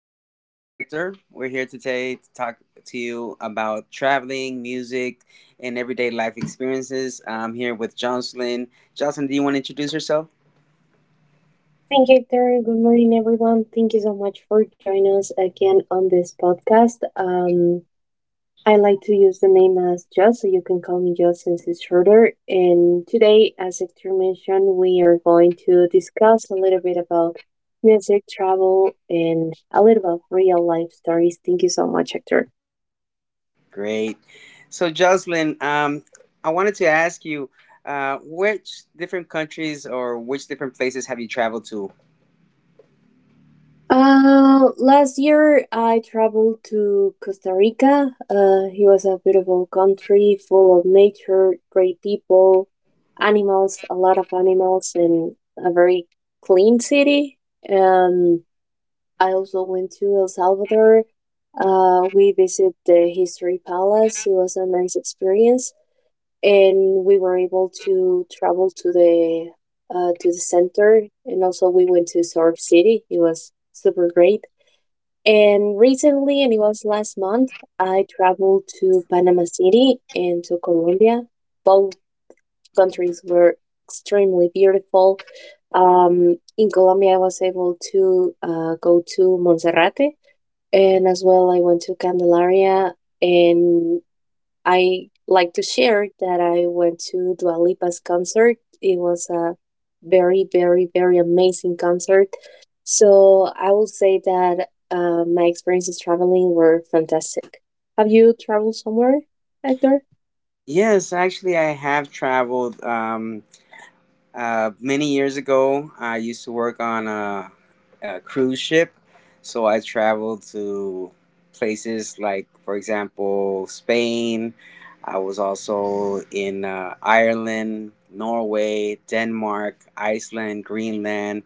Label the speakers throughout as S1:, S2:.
S1: My name is Hector. We're here today to talk to you about traveling, music, and everyday life experiences. I'm here with Jocelyn. Jocelyn, do you want to introduce yourself?
S2: Thank you, Victoria. Good morning, everyone. Thank you so much for joining us again on this podcast. I like to use the name as Just, so you can call me Just since it's shorter. And today, as Victor mentioned, we are going to discuss a little bit about music, travel, and a little about real life stories. Thank you so much, Hector.
S1: Great. So, Jocelyn, I wanted to ask you which different countries or which different places have you traveled to?
S2: Last year I traveled to Costa Rica. It was a beautiful country full of nature, great people, animals, a lot of animals, and a very clean city. Um, I also went to El Salvador. We visited the History Palace. It was a nice experience, and we were able to travel to the center, and also we went to Surf City. It was super great, and recently, and it was last month, I traveled to Panama City and to Colombia. Both countries were extremely beautiful. In Colombia, I was able to go to Monserrate, and as well, I went to Candelaria, and I like to share that I went to Dua Lipa's concert. It was a very, very, very amazing concert. So I will say that my experiences traveling were fantastic. Have you traveled somewhere, Hector?
S1: Yes, actually, I have traveled. Many years ago, I used to work on a cruise ship, so I traveled to places like, for example, Spain. I was also in Ireland, Norway, Denmark, Iceland, Greenland.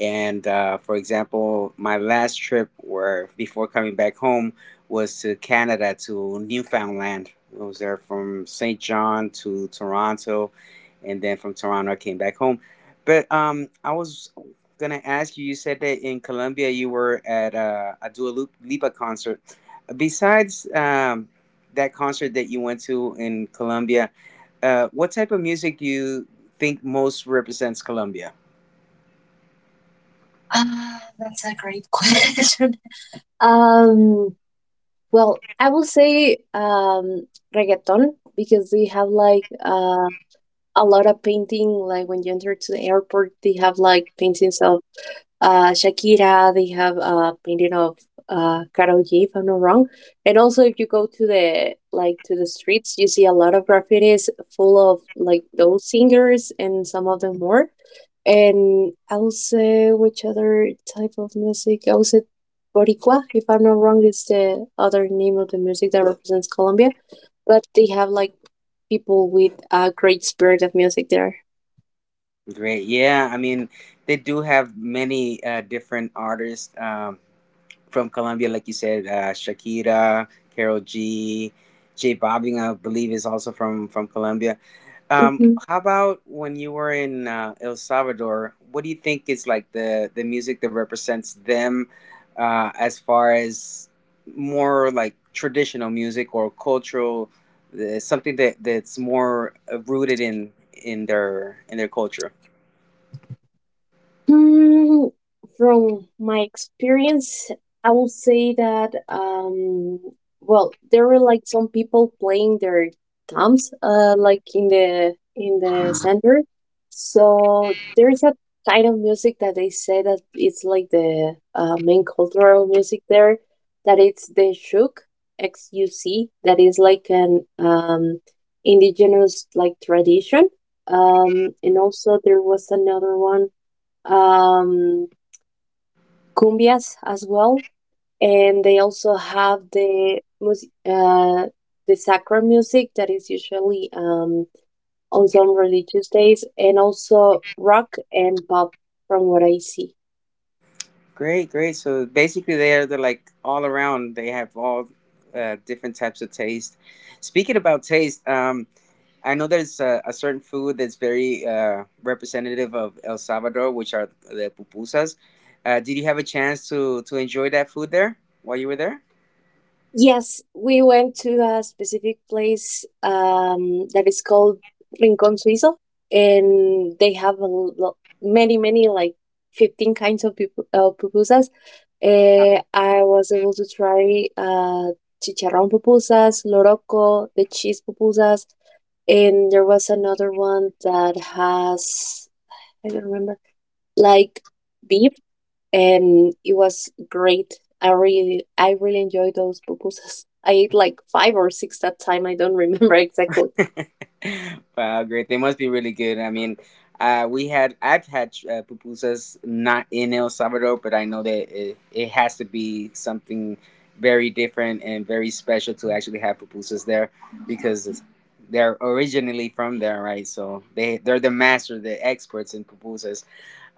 S1: And for example, my last trip where before coming back home was to Canada to Newfoundland. I was there from St. John to Toronto, and then from Toronto I came back home. But I was gonna ask you. You said that in Colombia you were at a Dua Lipa concert. Besides that concert that you went to in Colombia, what type of music do you think most represents Colombia?
S2: That's a great question. Um, well, I will say reggaeton, because they have like a lot of painting. Like when you enter to the airport, they have like paintings of Shakira. They have a painting of Karol G, if I'm not wrong. And also, if you go to the like to the streets, you see a lot of graffitis full of like those singers and some of them more. And I will say, which other type of music? I will say Boricua, if I'm not wrong, is the other name of the music that represents Colombia. But they have like people with a great spirit of music there.
S1: Great. Yeah, I mean, they do have many different artists from Colombia, like you said, Shakira, Carol G, J Bobbing, I believe, is also from Colombia. Um,
S2: Mhm.
S1: how about when you were in El Salvador? What do you think is like the music that represents them, as far as more like traditional music or cultural, something that that's more rooted in their culture?
S2: Hmm, from my experience, I will say that well, there were like some people playing their thumbs, like in the center. So there is a kind of music that they say that it's like the main cultural music there, that it's the shuk, XUC, that is like an indigenous like tradition. And also there was another one, um, cumbias as well, and they also have the sacra music, that is usually on some religious days, and also rock and pop, from what I see.
S1: Great, great. So basically, they're like all around. They have all different types of taste. Speaking about taste, I know there's a certain food that's very representative of El Salvador, which are the pupusas. Did you have a chance to enjoy that food there while you were there?
S2: Yes, we went to a specific place, that is called Rincon Suizo, and they have many, many, like 15 kinds of pupusas. I was able to try chicharrón pupusas, loroco, the cheese pupusas, and there was another one that has, I don't remember, like beef, and it was great. I really enjoyed those pupusas. I ate like five or six that time. I don't remember exactly.
S1: Wow, great. They must be really good. I mean, we had I've had pupusas not in El Salvador, but I know that it has to be something very different and very special to actually have pupusas there because they're originally from there, right? So they're the masters, the experts in pupusas.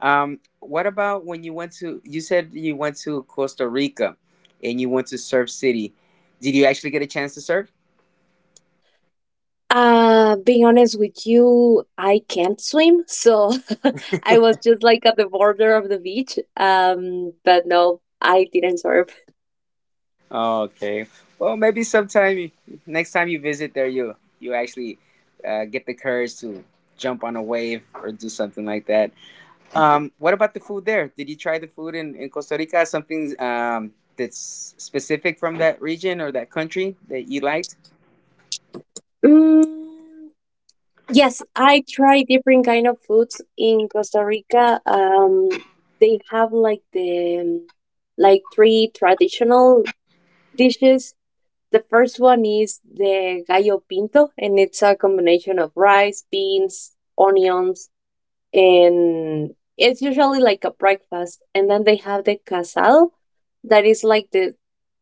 S1: What about when you said you went to Costa Rica and you went to Surf City. Did you actually get a chance to surf?
S2: Being honest with you, I can't swim, so I was just like at the border of the beach. But no, I didn't surf.
S1: Oh, okay. Well, maybe sometime next time you visit there, you actually get the courage to jump on a wave or do something like that. What about the food there? Did you try the food in Costa Rica? Something that's specific from that region or that country that you liked?
S2: Mm, yes, I tried different kind of foods in Costa Rica. They have like the like three traditional dishes. The first one is the gallo pinto, and it's a combination of rice, beans, onions, and it's usually like a breakfast. And then they have the casal, that is like the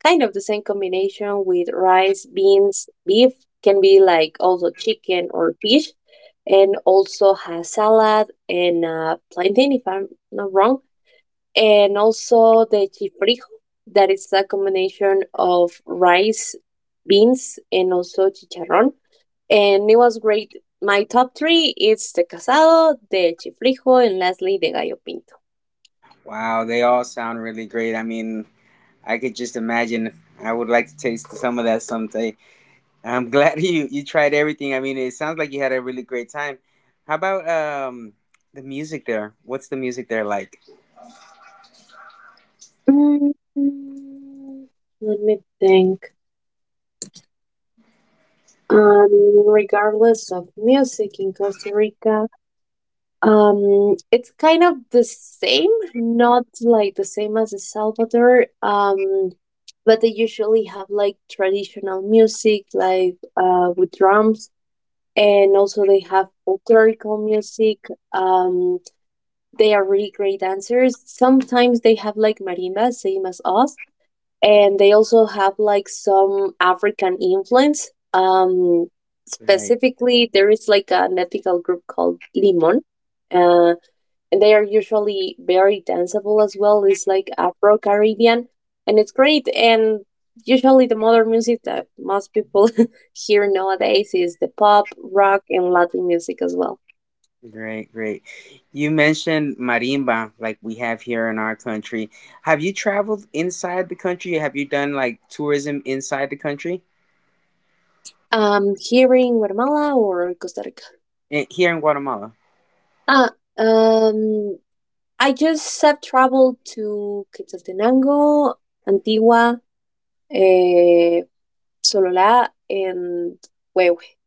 S2: kind of the same combination with rice, beans, beef, can be like also chicken or fish, and also has salad and plantain, if I'm not wrong. And also the chifrijo, that is a combination of rice, beans, and also chicharrón, and it was great. My top three is the casado, the chifrijo, and lastly the gallo pinto.
S1: Wow, they all sound really great. I mean, I could just imagine. I would like to taste some of that someday. I'm glad you tried everything. I mean, it sounds like you had a really great time. How about the music there? What's the music there like?
S2: Mm, Let me think. Regardless of music in Costa Rica, it's kind of the same, not like the same as El Salvador. But they usually have like traditional music, like with drums, and also they have folklorical music. Um, they are really great dancers. Sometimes they have like marimbas, same as us, and they also have like some African influence. Um,
S1: Right,
S2: specifically, there is like an ethical group called Limon. They are usually very danceable as well. It's like Afro Caribbean, and it's great. And usually, the modern music that most people hear nowadays is the pop, rock, and Latin music as well.
S1: great, great. You mentioned marimba, like we have here in our country. Have you traveled inside the country? Have you done like tourism inside the country?
S2: Here in Guatemala or Costa Rica.
S1: Here in Guatemala.
S2: Ah, um, I just have traveled to Quetzaltenango, Antigua, eh, Sololá, and Huehue.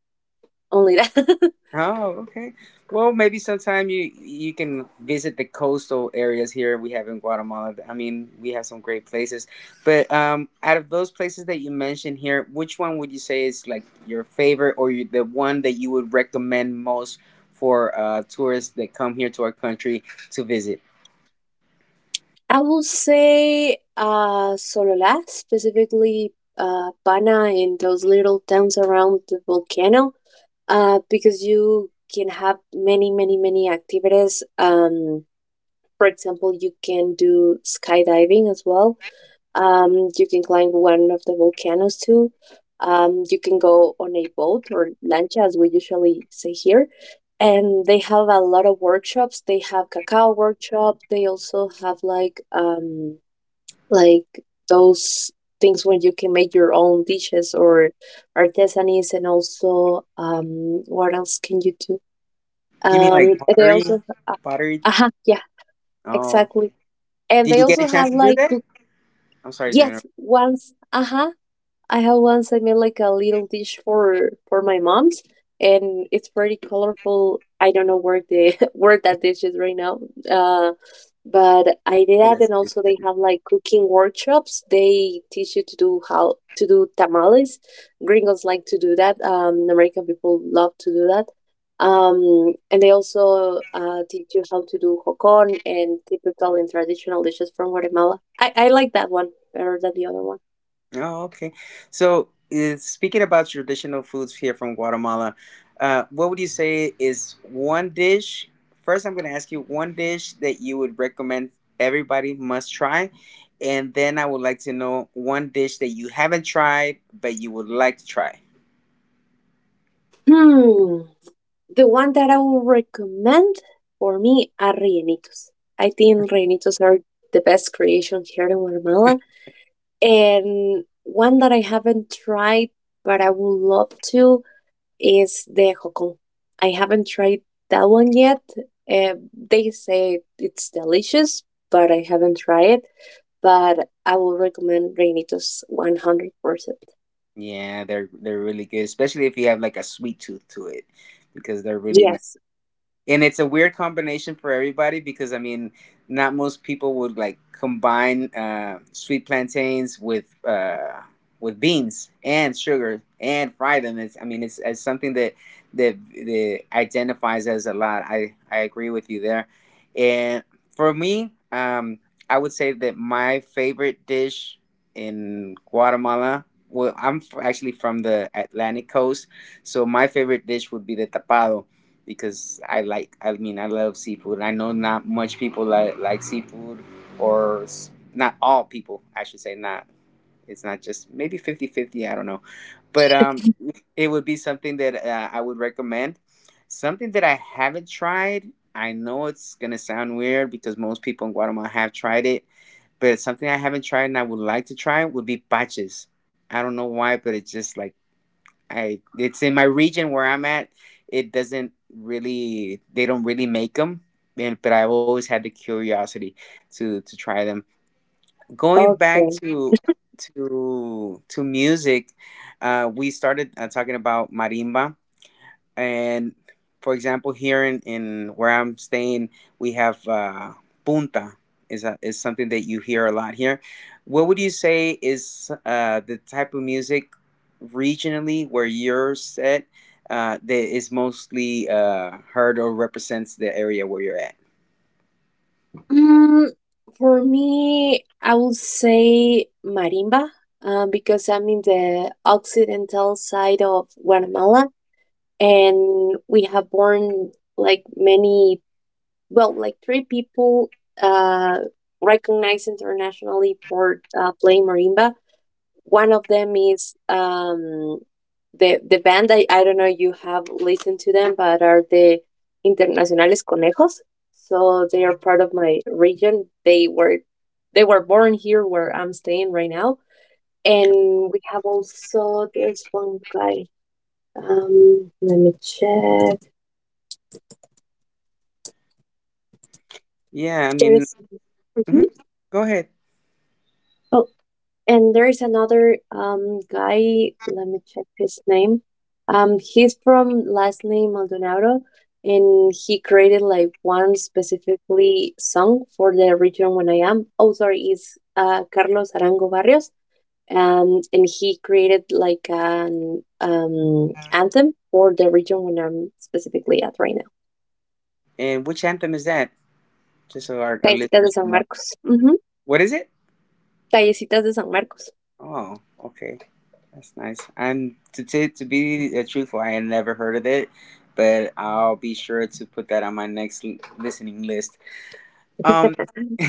S2: Only that.
S1: Oh, okay. Well, maybe sometime you can visit the coastal areas here we have in Guatemala. I mean, we have some great places. But out of those places that you mentioned here, which one would you say is like your favorite, or the one that you would recommend most for tourists that come here to our country to visit?
S2: I will say Sololá, specifically Pana and those little towns around the volcano, because you can have many, many, many activities. For example, you can do skydiving as well. You can climb one of the volcanoes too. You can go on a boat or lancha, as we usually say here. And they have a lot of workshops. They have cacao workshop. They also have like those things when you can make your own dishes or artisanies. And also what else can you do?
S1: You mean like
S2: And they
S1: pottery?
S2: also uh, uh
S1: Pottery?
S2: uh-huh, yeah,
S1: Oh,
S2: exactly. And
S1: did
S2: they
S1: you get a
S2: also have
S1: chance to do
S2: like
S1: that?
S2: cook.
S1: I'm sorry, to
S2: Yes, once. Uh-huh. I have once, I made like a little dish for my mom's, and it's pretty colorful. I don't know where the where that dish is right now. Uh, but I did that, and also they
S1: interrupt.
S2: have like cooking workshops. They teach you to do how to do tamales. Gringos like to do that. American people love to do that. And they also teach you how to do hocon and typical and traditional dishes from Guatemala. I like that one better than the other one.
S1: Oh, okay. So, speaking about traditional foods here from Guatemala, what would you say is one dish? First, I'm going to ask you one dish that you would recommend everybody must try. And then I would like to know one dish that you haven't tried, but you would like to try.
S2: Hmm. The one that I would recommend for me are Rellenitos. I think Rellenitos are the best creation here in Guatemala. And one that I haven't tried but I would love to is the Jocon. I haven't tried that one yet. They say it's delicious, but I haven't tried it. But I will recommend Rellenitos 100%.
S1: Yeah, they're really good, especially if you have like a sweet tooth to it, because they're really
S2: Yes.
S1: and it's a weird combination for everybody because I mean, not most people would like combine sweet plantains with beans and sugar and fry them. It's I mean, it's something that identifies as a lot. I agree with you there, and for me, I would say that my favorite dish in Guatemala. Well, I'm actually from the Atlantic coast, so my favorite dish would be the tapado because I like. I mean, I love seafood. I know not much people like seafood, or not all people. I should say not. It's not just maybe fifty-fifty. I don't know, but it would be something that I would recommend. Something that I haven't tried. I know it's gonna sound weird because most people in Guatemala have tried it, but it's something I haven't tried and I would like to try would be paches. I don't know why, but it's just like I it's in my region where I'm at. It doesn't really they don't really make them, and but I've always had the curiosity to try them. Going back
S2: Okay.
S1: to music, we started talking about marimba, and for example, here in where I'm staying, we have punta is something that you hear a lot here. What would you say is the type of music regionally where you're set that is mostly heard or represents the area where you're at?
S2: Mm, for me, I would say marimba, because I'm in the occidental side of Guatemala, and we have born like many, well, like three people uh, recognized internationally for playing marimba. One of them is, the band, I don't know you have listened to them, but are the Internacionales Conejos. So they are part of my region. They were born here where I'm staying right now. And we have also there's one guy. Let me check.
S1: Yeah, I mean,
S2: There's
S1: mhm.
S2: mhm.
S1: Go ahead.
S2: oh And there is another guy, let me check his name. He's from last name Maldonado, and he created like one specifically song for the region when I am. Oh, sorry, is Carlos Arango Barrios. And he created like an anthem for the region when I'm specifically at right now.
S1: And which anthem is that, just so our
S2: Callecitas de
S1: listeners
S2: San
S1: know?
S2: Marcos. Mhm.
S1: What is it?
S2: Callecitas de San Marcos.
S1: Oh, okay. That's nice. I'm to to be truthful. I had never heard of it, but I'll be sure to put that on my next listening list. Um,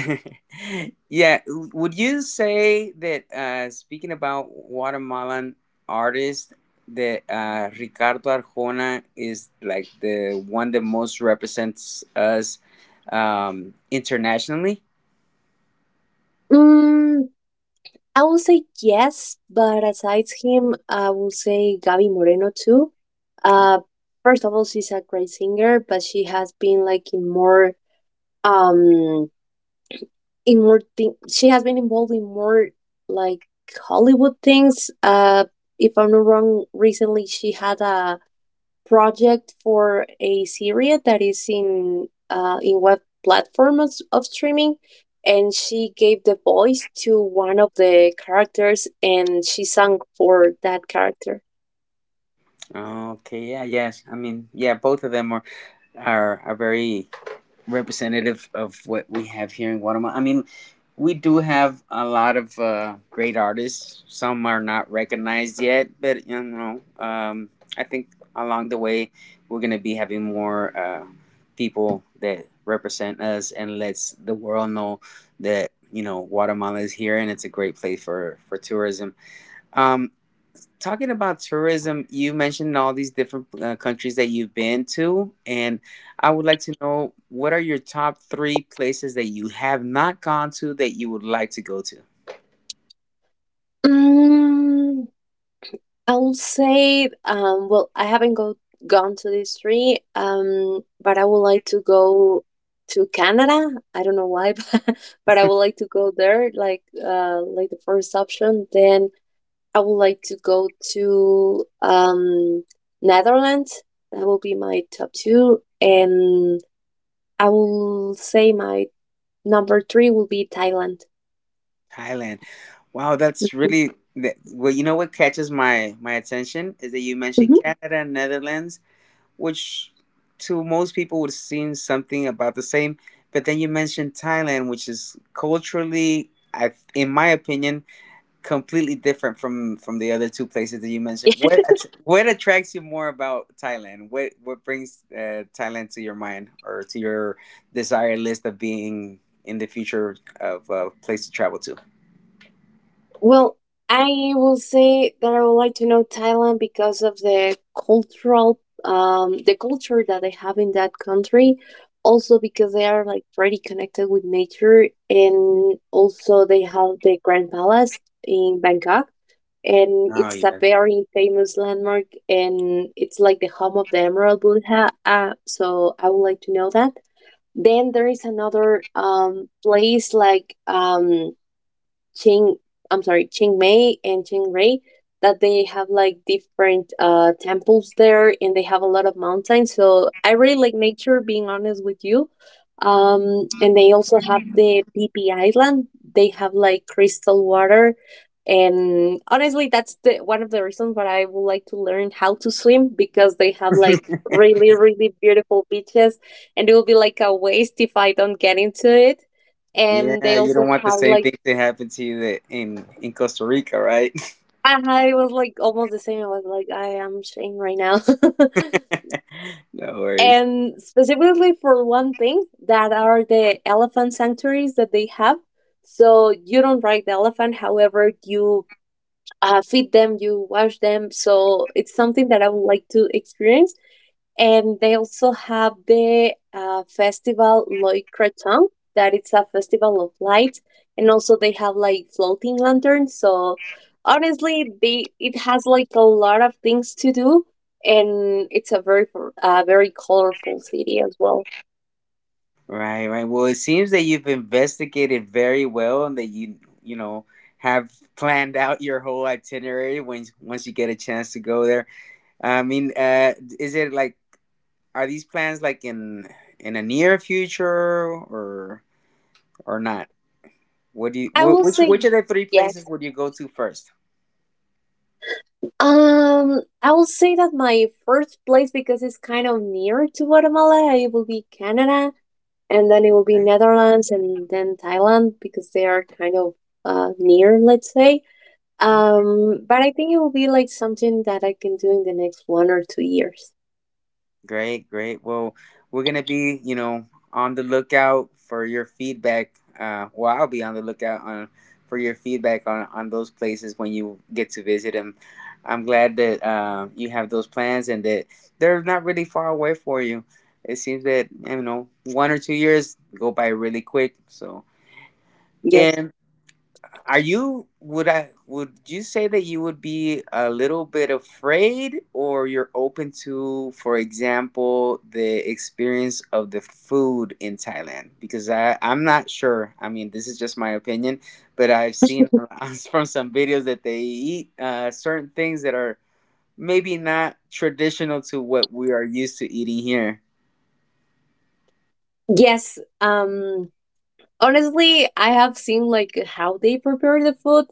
S1: yeah. Would you say that speaking about Guatemalan artists, that Ricardo Arjona is like the one that most represents us internationally?
S2: Mm, I will say yes, but asides him, I will say Gabby Moreno too. Uh, first of all, she's a great singer, but she has been like in more um thing. She has been involved in more like Hollywood things. If I'm not wrong, recently she had a project for a series that is in web platforms of streaming, and she gave the voice to one of the characters, and she sang for that character.
S1: Okay. Yeah. Yes. I mean, yeah. Both of them are very representative of what we have here in Guatemala. I mean, we do have a lot of great artists. Some are not recognized yet, but I think along the way we're gonna be having more people that represent us and lets the world know that Guatemala is here and it's a great place for tourism. Um, Talking about tourism, you mentioned all these different countries that you've been to, and I would like to know what are your top three places that you have not gone to that you would like to go to?
S2: Mm, i'll say, well, I haven't gone to these three, but I would like to go to Canada, I don't know why, but I would like to go there like, like the first option. Then I would like to go to Netherlands. That will be my top two, and I will say my number three will be Thailand.
S1: Thailand. Wow, that's really that, well. You know what catches my attention is that you mentioned
S2: Mhm.
S1: Canada and Netherlands, which to most people would seem something about the same, but then you mentioned Thailand, which is culturally, in my opinion, completely different from the other two places that you mentioned.
S2: Yes.
S1: What attracts you more about Thailand? What brings Thailand to your mind or to your desire list of being in the future of a place to travel to?
S2: Well, I will say that I would like to know Thailand because of the culture that they have in that country. Also because they are like pretty connected with nature, and also they have the Grand Palace in Bangkok. And
S1: Oh
S2: it's a
S1: yeah,
S2: very famous landmark, and it's like the home of the emerald buddha, so I would like to know that. Then there is another place, like Ching, I'm sorry, Ching Mei and Ching Rei, that they have like different temples there, and they have a lot of mountains. So I really like nature, being honest with you. And they also have the PP Island. They have like crystal water. And honestly, that's the one of the reasons why I would like to learn how to swim, because they have like really, really beautiful beaches, and it will be like a waste if I don't get into it. And they
S1: yeah. You
S2: also
S1: don't want the
S2: have
S1: same
S2: like,
S1: thing to happen to you that in Costa Rica, right?
S2: I was like almost the same. I was like, I am ashamed right now.
S1: No worries.
S2: And specifically for one thing, that are the elephant sanctuaries that they have. So you don't ride the elephant; however, you feed them, you wash them. So it's something that I would like to experience, and they also have the festival Loic Creton, that it's a festival of light, and also they have like floating lanterns. So honestly, they it has like a lot of things to do, and it's a very colorful city as well.
S1: Right, right. Well, it seems that you've investigated very well and that you, have planned out your whole itinerary when once you get a chance to go there. I mean, is it like are these plans like in a near future or not? What do you
S2: I will
S1: which
S2: say
S1: which of the three
S2: yes.
S1: places would you go to first?
S2: I will say that my first place because it's kind of near to Guatemala. It will be Canada, and then it will be
S1: Okay.
S2: Netherlands and then Thailand because they are kind of near, let's say. But I think it will be like something that I can do in the next 1 or 2 years.
S1: Great, great. Well, we're gonna be, on the lookout for your feedback. Well, I'll be on the lookout on for your feedback on those places when you get to visit them. I'm glad that you have those plans and that they're not really far away for you. It seems that 1 or 2 years go by really quick. So,
S2: Yes.
S1: and. Are you would I would you say that you would be a little bit afraid or you're open to, for example, the experience of the food in Thailand? Because I'm not sure. I mean, this is just my opinion, but I've seen from some videos that they eat certain things that are maybe not traditional to what we are used to eating here.
S2: Yes. Honestly, I have seen like how they prepare the food,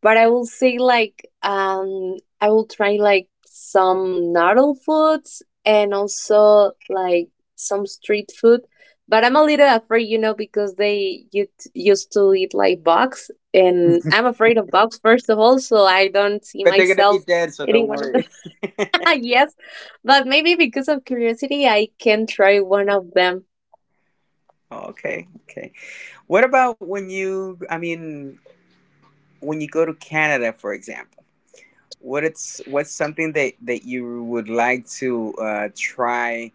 S2: but I will say like I will try like some noodle foods and also like some street food. But I'm a little afraid, because they used to eat like bugs, and I'm afraid of bugs first of all, so I don't see
S1: But they're gonna be
S2: myself
S1: dead, so don't
S2: eating one of them.
S1: worry.
S2: Yes, but maybe because of curiosity, I can try one of them.
S1: Okay, okay. What about when I mean, when you go to Canada, for example, what's something that you would like to try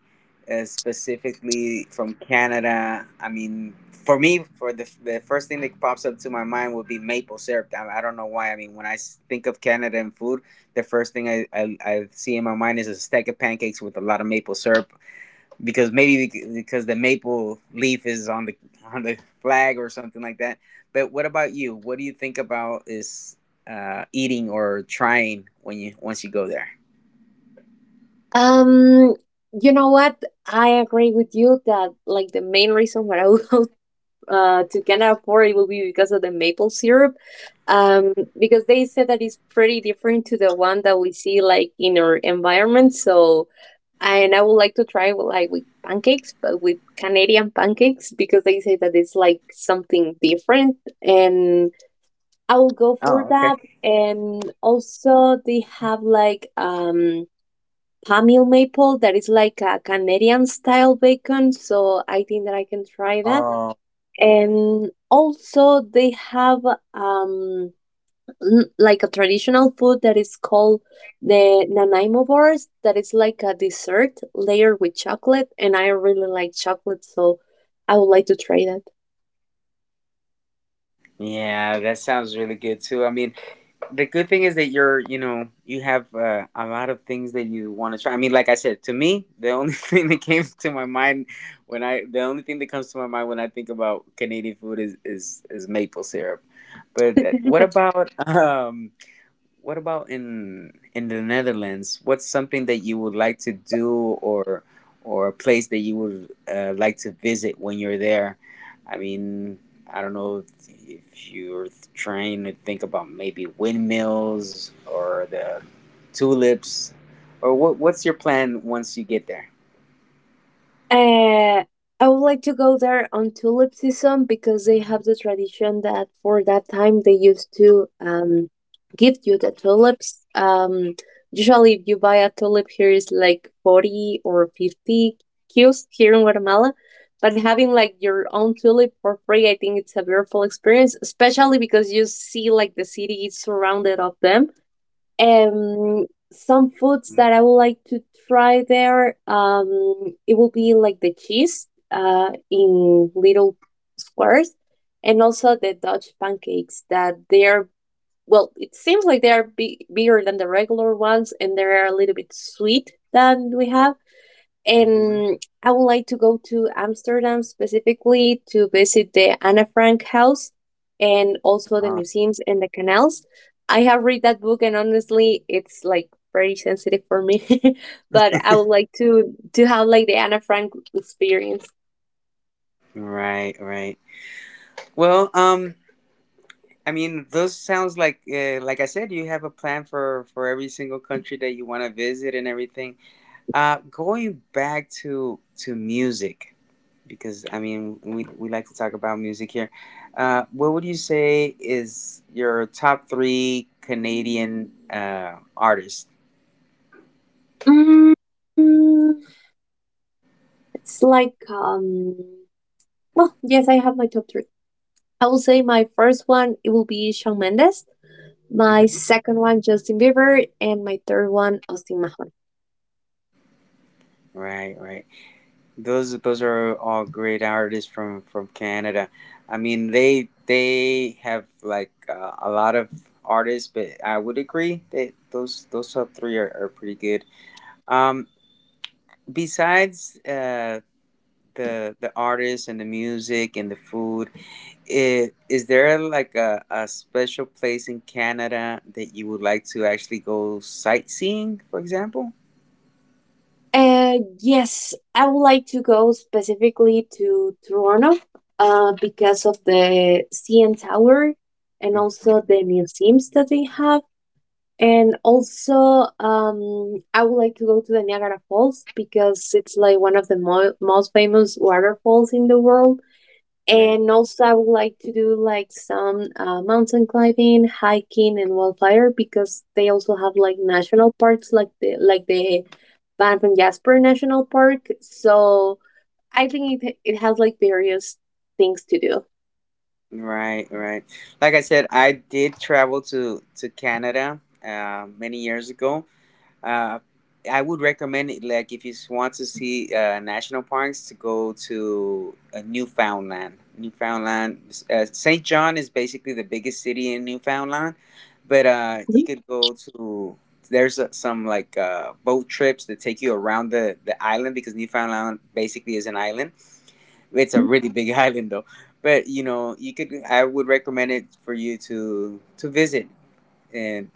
S1: specifically from Canada? I mean, for me, for the first thing that pops up to my mind would be maple syrup. I don't know why. I mean, when think of Canada and food, the first thing I see in my mind is a stack of pancakes with a lot of maple syrup because maybe because the maple leaf is on the flag or something like that. But what about you? What do you think about is eating or trying when you once you go there?
S2: Um, you know what? I agree with you that like the main reason why I would go to Canada for it will be because of the maple syrup. Um, because they said that it's pretty different to the one that we see like in our environment. So, and I would like to try like with pancakes, but with Canadian pancakes because they say that
S1: Hello.
S2: it's like something different, and I will go for
S1: Oh, okay.
S2: that. And also, they have like Pamil maple that is like a Canadian style bacon, so I think that I can try that.
S1: Oh, yeah,
S2: And also they have um like a traditional food that is called the Nanaimo bars, that is like a dessert layered with chocolate, and I really like chocolate, so I would like to try that.
S1: yeah, that sounds really good too. I mean, the good thing is that you have a lot of things that you want to try. I mean, like I said, to me, the only thing that came to my mind when I, the only thing that comes to my mind when I think about Canadian food is maple syrup. But what about um, what about in the Netherlands? What's something that you would like to do, or or a place that you would like to visit when you're there? I mean, I don't know if you're trying to think about maybe windmills or the tulips, or what. What's your plan once you get there?
S2: Uh, I would like to go there on tulip season because they have the tradition that for that time they used to give you the tulips. Usually, if you buy a tulip here, is like 40 or 50 cues here in Guatemala. But having like your own tulip for free, I think it's a beautiful experience, especially because you see like the city is surrounded of them um some foods that I would like to try there. It will be like the cheese, in little squares, and also the Dutch pancakes that they are. Well, it seems like they are bigger than the regular ones, and they are a little bit sweet than we have,
S1: Mm-hmm.
S2: and I would like to go to Amsterdam specifically to visit the Anne Frank house and also the museums and the canals. I have read that book, and honestly it's like very sensitive for me, but I would like to have like the Anne Frank experience.
S1: Right, right. Well, I mean, those sounds like I said, you have a plan for every single country that you want to visit and everything. Going back to music, because I mean, we like to talk about music here. What would you say is your top three Canadian artists?
S2: Mm, mm, it's like well, yes, I have my top 3. I will say my first one it will be Shawn Mendes, my
S1: Hmm.
S2: second one Justin Bieber, and my third one Austin Mahone.
S1: Right, right. Those are all great artists from Canada. I mean, they have like a lot of artists, but I would agree that those top three are pretty good. Um, Besides the artists and the music and the food, is there like a special place in Canada that you would like to actually go sightseeing, for example?
S2: Uh, yes, I would like to go specifically to Toronto because of the CN Tower and also
S1: Mhm.
S2: the museums that they have. And also, I would like to go to the Niagara Falls because it's like one of the most famous waterfalls in the world.
S1: Right.
S2: And also, I would like to do like some mountain climbing, hiking, and wildfire because they also have like national parks, like the Banff and Jasper National Park. So I think it has like various things to do.
S1: Right, right. Like I said, I did travel to Canada many years ago. Uh, I would recommend it, like if you want to see national parks, to go to Newfoundland. Saint John is basically the biggest city in Newfoundland, but
S2: Mhm.
S1: you could go to, there's some like boat trips that take you around the island, because Newfoundland basically is an island. It's a really big island, though. But you know, you could, I would recommend it for you to visit. And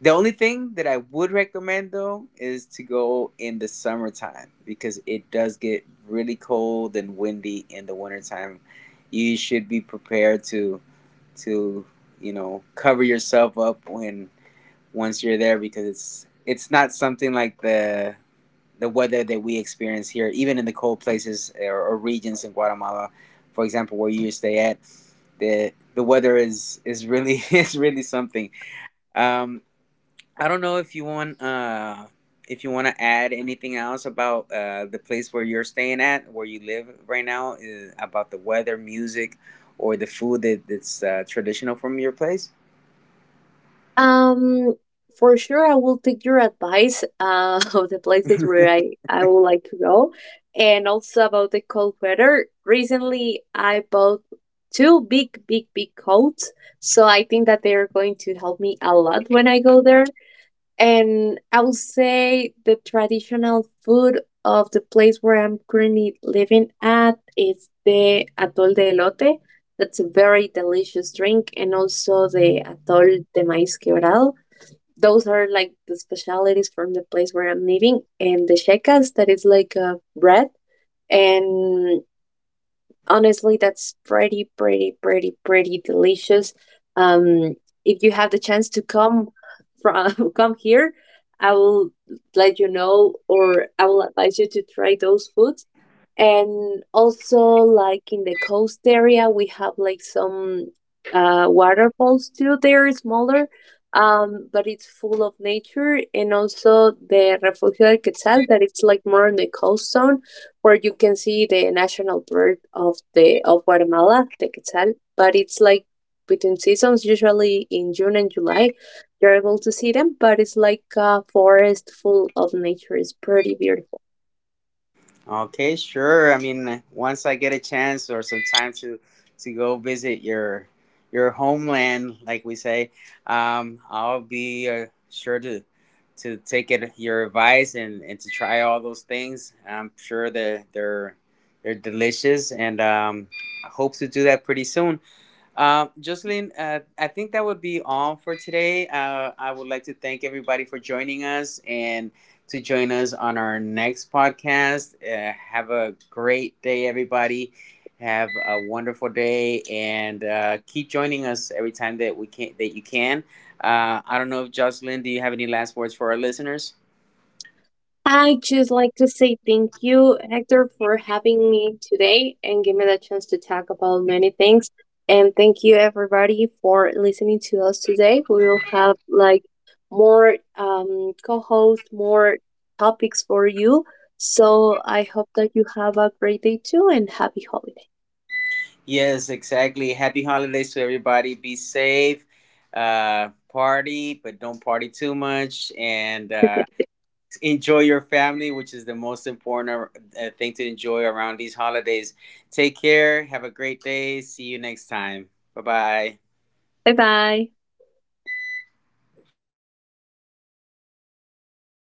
S1: the only thing that I would recommend, though, is to go in the summertime, because it does get really cold and windy in the wintertime. You should be prepared to, to you know, cover yourself up when once you're there, because it's not something like the weather that we experience here, even in the cold places, or regions in Guatemala, for example, where you stay at. The weather is really is really something. Um, I don't know if you want to add anything else about the place where you're staying at, where you live right now, about the weather, music, or the food that, that's traditional from your place.
S2: Um, for sure, I will take your advice of the places where I would like to go, and also about the cold weather. Recently, I bought two big, big, big coats, so I think that they are going to help me a lot when I go there. And I will say the traditional food of the place where I'm currently living at is the atol de elote. That's a very delicious drink, and also the atol de maíz quebrado, those are like the specialities from the place where I'm living, and the shecas that is like a bread. And honestly, that's pretty, pretty, pretty, pretty delicious. Um, if you have the chance to come from come here, I will let you know, or I will advise you to try those foods. And also like in the coast area we have like some waterfalls too. They're smaller, but it's full of nature. And also the refugio del quetzal, that it's like more in the coast zone where you can see the national bird of the of Guatemala, the quetzal. But it's like between seasons, usually in June and July you're able to see them. But it's like a forest full of nature. It's pretty beautiful.
S1: Okay, sure. I mean, once I get a chance or some time to go visit your homeland, like we say, I'll be sure to take it your advice and to try all those things. I'm sure that they're delicious, and I hope to do that pretty soon. Jocelyn, I think that would be all for today. I would like to thank everybody for joining us and to join us on our next podcast. Have a great day, everybody. Have a wonderful day, and keep joining us every time that we can that you can. I don't know, if Jocelyn, do you have any last words for our listeners?
S2: I just like to say thank you, Hector, for having me today and give me the chance to talk about many things. And thank you, everybody, for listening to us today. We will have like more co-hosts, more topics for you. So I hope that you have a great day too and happy holiday.
S1: Yes, exactly. Happy holidays to everybody. Be safe. Party, but don't party too much. And enjoy your family, which is the most important thing to enjoy around these holidays. Take care. Have a great day. See you next time. Bye bye.
S2: 拜拜。